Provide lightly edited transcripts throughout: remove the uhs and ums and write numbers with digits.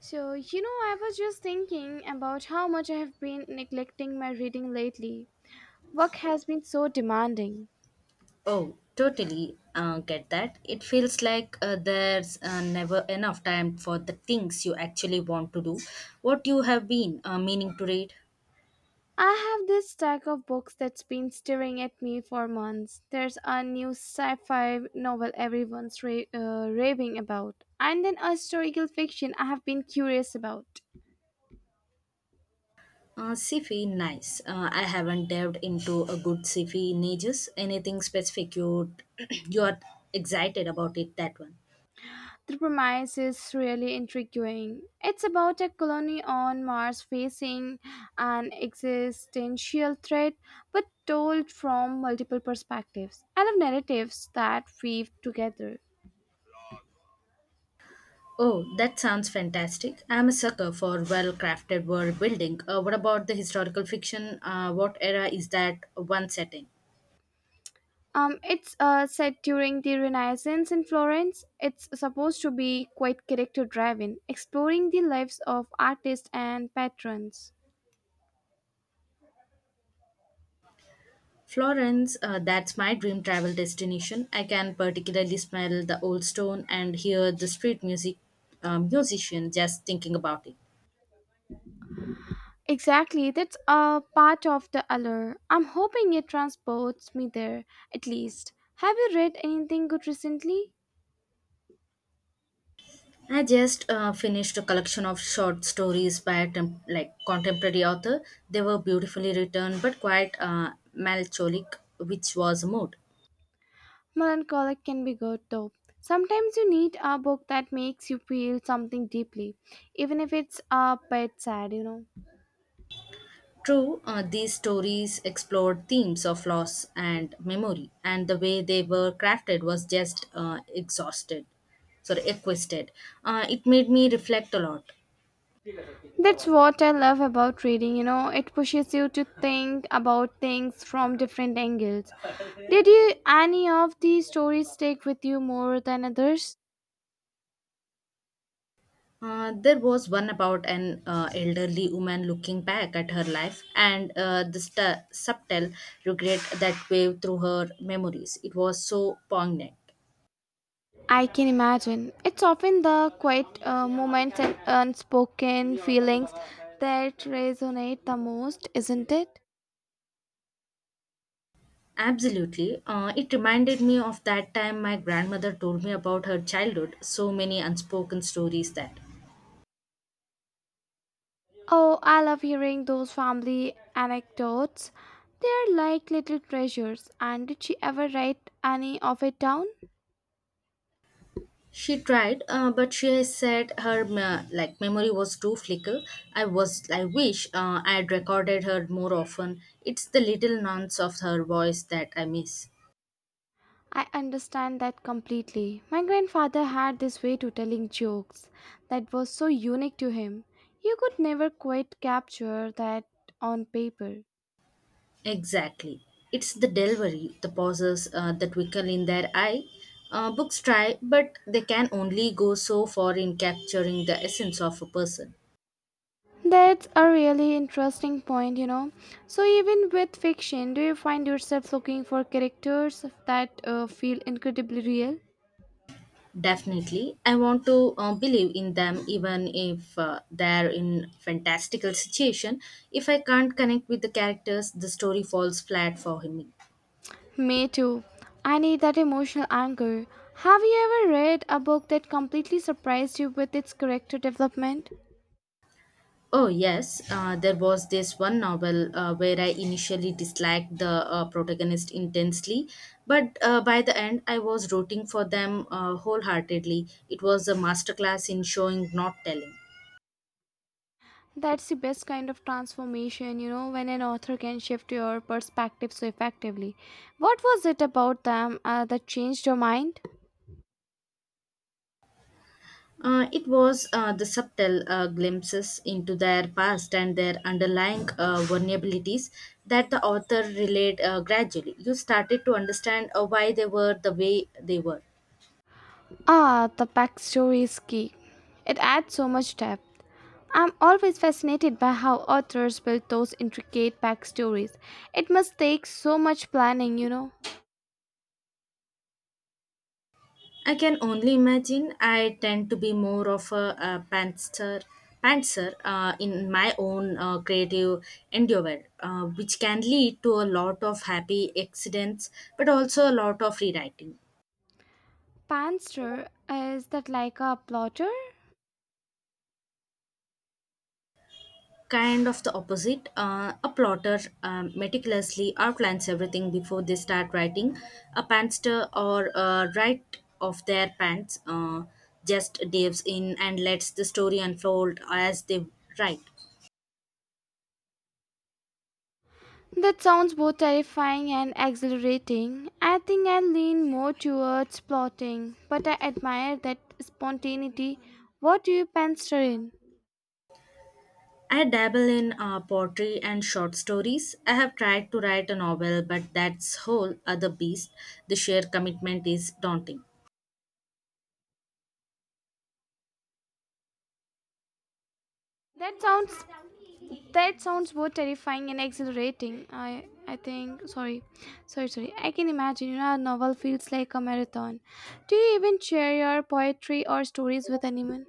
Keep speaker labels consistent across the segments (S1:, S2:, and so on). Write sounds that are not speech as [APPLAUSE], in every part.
S1: So, you know, I was just thinking about how much I have been neglecting my reading lately. Work has been so demanding.
S2: Oh, totally get that. It feels like there's never enough time for the things you actually want to do. What you have been meaning to read?
S1: I have this stack of books that's been staring at me for months. There's a new sci fi novel everyone's raving about, and then a historical fiction I have been curious about.
S2: Sci-fi, nice. I haven't delved into a good sci-fi in ages. Anything specific you [CLEARS THROAT] you are excited about it? That one.
S1: The premise is really intriguing. It's about a colony on Mars facing an existential threat, but told from multiple perspectives. I love narratives that weave together.
S2: Oh, that sounds fantastic. I'm a sucker for well-crafted world building. What about the historical fiction? What era is that one set in?
S1: It's set during the Renaissance in Florence. It's supposed to be quite character driven, exploring the lives of artists and patrons.
S2: Florence, that's my dream travel destination. I can particularly smell the old stone and hear the street music musician just thinking about it.
S1: Exactly, that's a part of the allure. I'm hoping it transports me there, at least. Have you read anything good recently?
S2: I just finished a collection of short stories by a like contemporary author. They were beautifully written but quite melancholic, which was a mood.
S1: Melancholic can be good, though. Sometimes you need a book that makes you feel something deeply, even if it's a bit sad, you know.
S2: True, these stories explored themes of loss and memory, and the way they were crafted was just exquisite. It made me reflect a lot.
S1: That's what I love about reading, you know, it pushes you to think about things from different angles. Did you any of these stories stick with you more than others?
S2: There was one about an elderly woman looking back at her life and the subtle regret that waved through her memories. It was so poignant.
S1: I can imagine. It's often the quiet moments and unspoken feelings that resonate the most, isn't it?
S2: Absolutely. It reminded me of that time my grandmother told me about her childhood, so many unspoken stories there.
S1: Oh, I love hearing those family anecdotes. They're like little treasures. And did she ever write any of it down?
S2: She tried, but she said her like memory was too fickle. I wish I had recorded her more often. It's the little nuance of her voice that I miss.
S1: I understand that completely. My grandfather had this way to telling jokes that was so unique to him. You could never quite capture that on paper.
S2: Exactly. It's the delivery, the pauses that twinkle in their eye. Books try, but they can only go so far in capturing the essence of a person.
S1: That's a really interesting point, you know. So, even with fiction, do you find yourself looking for characters that feel incredibly real?
S2: Definitely. I want to believe in them even if they're in fantastical situation. If I can't connect with the characters, the story falls flat for me.
S1: Me too. I need that emotional anchor. Have you ever read a book that completely surprised you with its character development?
S2: Oh yes, there was this one novel where I initially disliked the protagonist intensely, but by the end I was rooting for them wholeheartedly. It was a masterclass in showing not telling.
S1: That's the best kind of transformation, you know, when an author can shift your perspective so effectively. What was it about them that changed your mind?
S2: It was the subtle glimpses into their past and their underlying vulnerabilities that the author relayed gradually. You started to understand why they were the way they were.
S1: Ah, the backstory is key. It adds so much depth. I'm always fascinated by how authors build those intricate backstories. It must take so much planning, you know.
S2: I can only imagine I tend to be more of a pantser in my own creative endeavor, which can lead to a lot of happy accidents but also a lot of rewriting.
S1: Panster, is that like a plotter?
S2: Kind of the opposite. A plotter meticulously outlines everything before they start writing. A pantster or right of their pants just dives in and lets the story unfold as they write.
S1: That sounds both terrifying and exhilarating. I think I lean more towards plotting, but I admire that spontaneity. What do you panster in?
S2: I dabble in poetry and short stories. I have tried to write a novel, but that's whole other beast. The sheer commitment is daunting.
S1: That sounds That sounds both terrifying and exhilarating. I think sorry. Sorry, sorry. I can imagine, you know, a novel feels like a marathon. Do you even share your poetry or stories with anyone?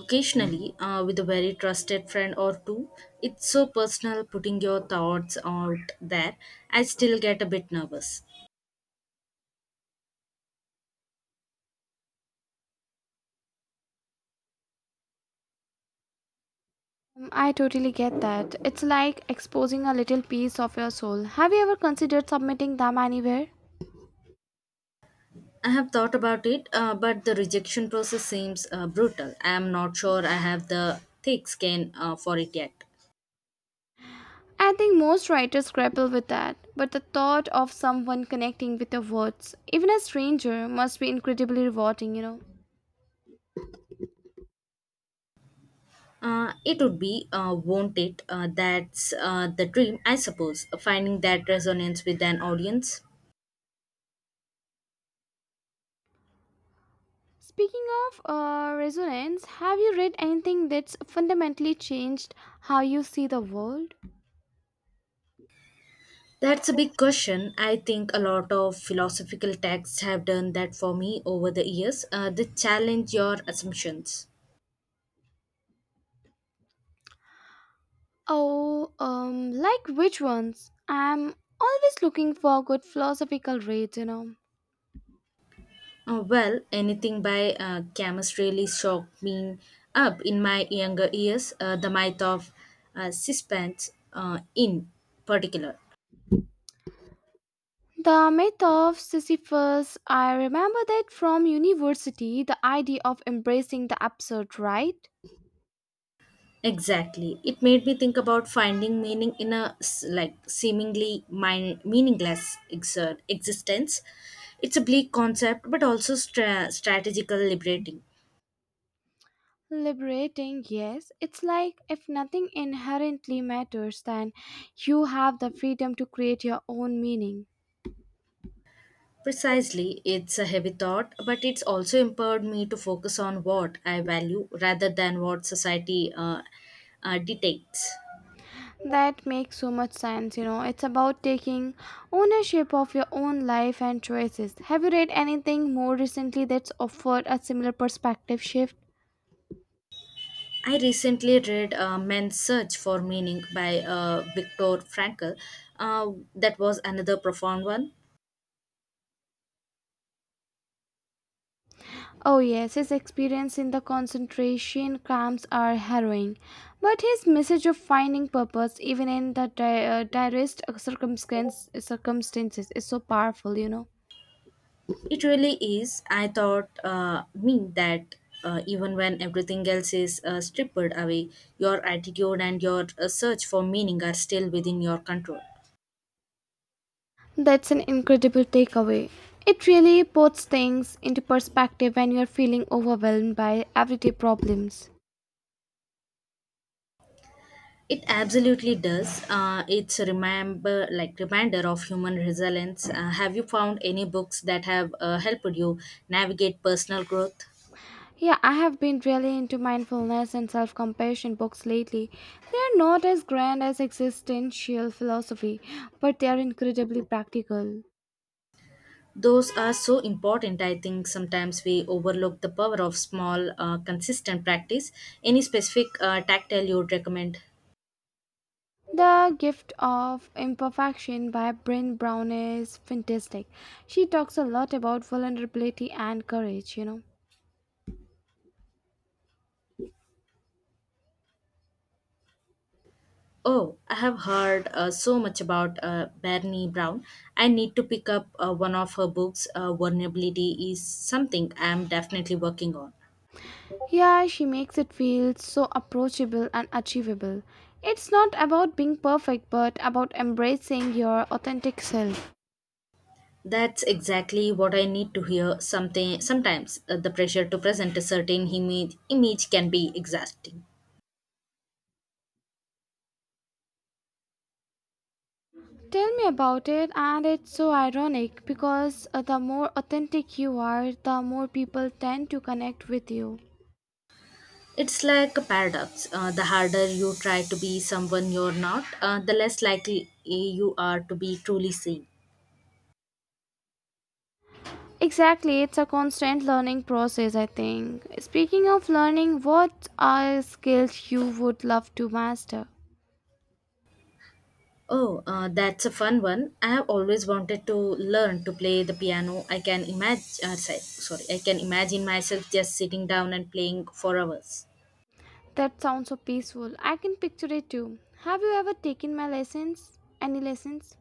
S2: Occasionally with a very trusted friend or two, it's so personal putting your thoughts out there. I still get a bit nervous.
S1: I totally get that. It's like exposing a little piece of your soul. Have you ever considered submitting them anywhere?
S2: I have thought about it, but the rejection process seems brutal. I am not sure I have the thick skin for it yet.
S1: I think most writers grapple with that, but the thought of someone connecting with your words, even a stranger, must be incredibly rewarding, you know.
S2: It would be, won't it? That's the dream, I suppose, finding that resonance with an audience.
S1: Speaking of resonance, have you read anything that's fundamentally changed how you see the world?
S2: That's a big question. I think a lot of philosophical texts have done that for me over the years. They challenge your assumptions.
S1: Oh, like which ones? I'm always looking for good philosophical reads, you know.
S2: Well, anything by Camus really shocked me up in my younger years, the myth of suspense in particular.
S1: The myth of Sisyphus, I remember that from university, the idea of embracing the absurd, right?
S2: Exactly. It made me think about finding meaning in a like meaningless existence. It's a bleak concept, but also strategical liberating.
S1: Liberating, yes. It's like if nothing inherently matters, then you have the freedom to create your own meaning.
S2: Precisely, it's a heavy thought, but it's also empowered me to focus on what I value rather than what society dictates.
S1: That makes so much sense, you know. It's about taking ownership of your own life and choices. Have you read anything more recently that's offered a similar perspective shift?
S2: I recently read Men's Search for Meaning by Viktor Frankl. Uh, that was another profound one.
S1: Oh, yes, his experience in the concentration camps are harrowing. But his message of finding purpose, even in the direst circumstances, is so powerful, you know.
S2: It really is. I thought me that even when everything else is stripped away, your attitude and your search for meaning are still within your control.
S1: That's an incredible takeaway. It really puts things into perspective when you're feeling overwhelmed by everyday problems.
S2: It absolutely does. It's a like reminder of human resilience. Have you found any books that have helped you navigate personal growth?
S1: Yeah, I have been really into mindfulness and self compassion books lately. They are not as grand as existential philosophy, but they are incredibly practical.
S2: Those are so important. I think sometimes we overlook the power of small, consistent practice. Any specific tactile you would recommend?
S1: The Gift of Imperfection by Bryn Brown is fantastic. She talks a lot about vulnerability and courage, you know.
S2: Oh, I have heard so much about Bernie Brown. I need to pick up one of her books. Vulnerability is something I am definitely working on.
S1: Yeah, she makes it feel so approachable and achievable. It's not about being perfect, but about embracing your authentic self.
S2: That's exactly what I need to hear. Something sometimes the pressure to present a certain image can be exhausting.
S1: Tell me about it, and it's so ironic because the more authentic you are, the more people tend to connect with you.
S2: It's like a paradox. The harder you try to be someone you're not, the less likely you are to be truly seen.
S1: Exactly, it's a constant learning process, I think. Speaking of learning, what are skills you would love to master?
S2: Oh, that's a fun one. I have always wanted to learn to play the piano. I can imagine. Sorry, sorry, I can imagine myself just sitting down and playing for hours.
S1: That sounds so peaceful. I can picture it too. Have you ever taken my lessons? Any lessons?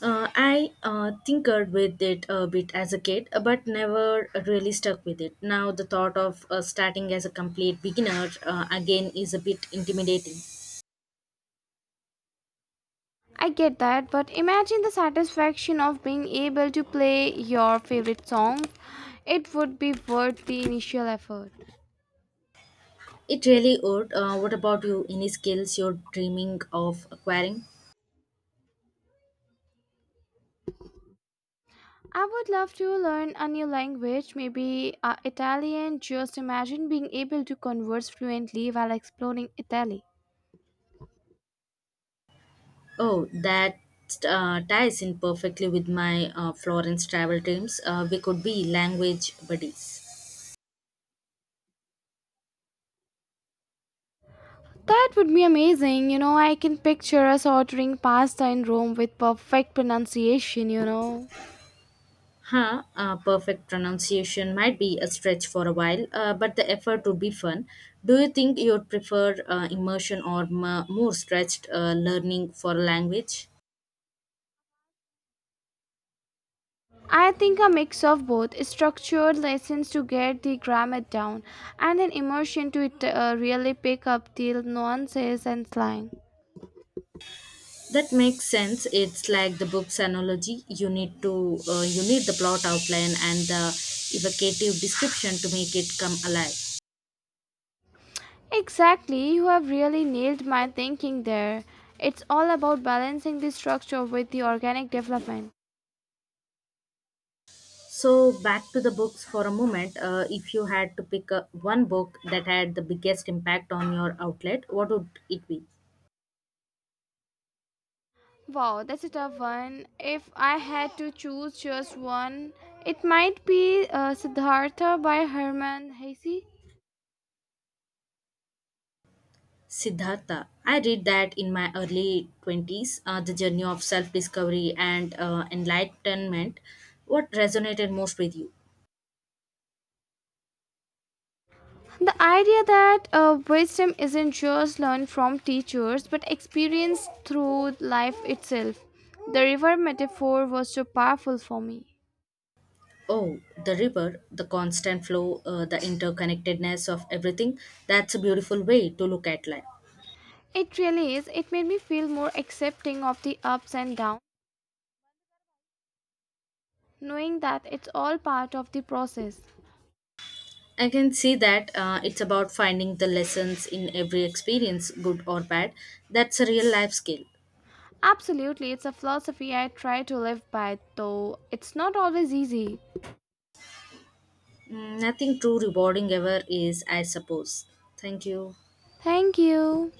S2: I tinkered with it a bit as a kid, but never really stuck with it. Now, the thought of starting as a complete beginner again is a bit intimidating.
S1: I get that, but imagine the satisfaction of being able to play your favorite song. It would be worth the initial effort.
S2: It really would. What about you? Any skills you're dreaming of acquiring?
S1: I would love to learn a new language, maybe Italian. Just imagine being able to converse fluently while exploring Italy.
S2: Oh, that ties in perfectly with my Florence travel dreams. We could be language buddies.
S1: That would be amazing. You know, I can picture us ordering pasta in Rome with perfect pronunciation, you know.
S2: Huh, perfect pronunciation might be a stretch for a while, but the effort would be fun. Do you think you'd prefer immersion or more stretched learning for a language?
S1: I think a mix of both structured lessons to get the grammar down and an immersion to it, really pick up the nuances and slang.
S2: That makes sense. It's like the book's analogy. You need the plot outline and the evocative description to make it come alive.
S1: Exactly, you have really nailed my thinking there. It's all about balancing the structure with the organic development.
S2: So back to the books for a moment. If you had to pick one book that had the biggest impact on your outlet, what would it be?
S1: Wow, that's a tough one. If I had to choose just one, it might be Siddhartha by Herman Hesse.
S2: Siddhartha. I read that in my early 20s, The Journey of Self Discovery and Enlightenment. What resonated most with you?
S1: The idea that wisdom isn't just learned from teachers but experienced through life itself. The river metaphor was so powerful for me.
S2: Oh, the river, the constant flow, the interconnectedness of everything. That's a beautiful way to look at life.
S1: It really is. It made me feel more accepting of the ups and downs, knowing that it's all part of the process.
S2: I can see that it's about finding the lessons in every experience, good or bad. That's a real life skill.
S1: Absolutely, it's a philosophy I try to live by, though it's not always easy.
S2: Mm, nothing too rewarding ever is, I suppose. Thank you.
S1: Thank you.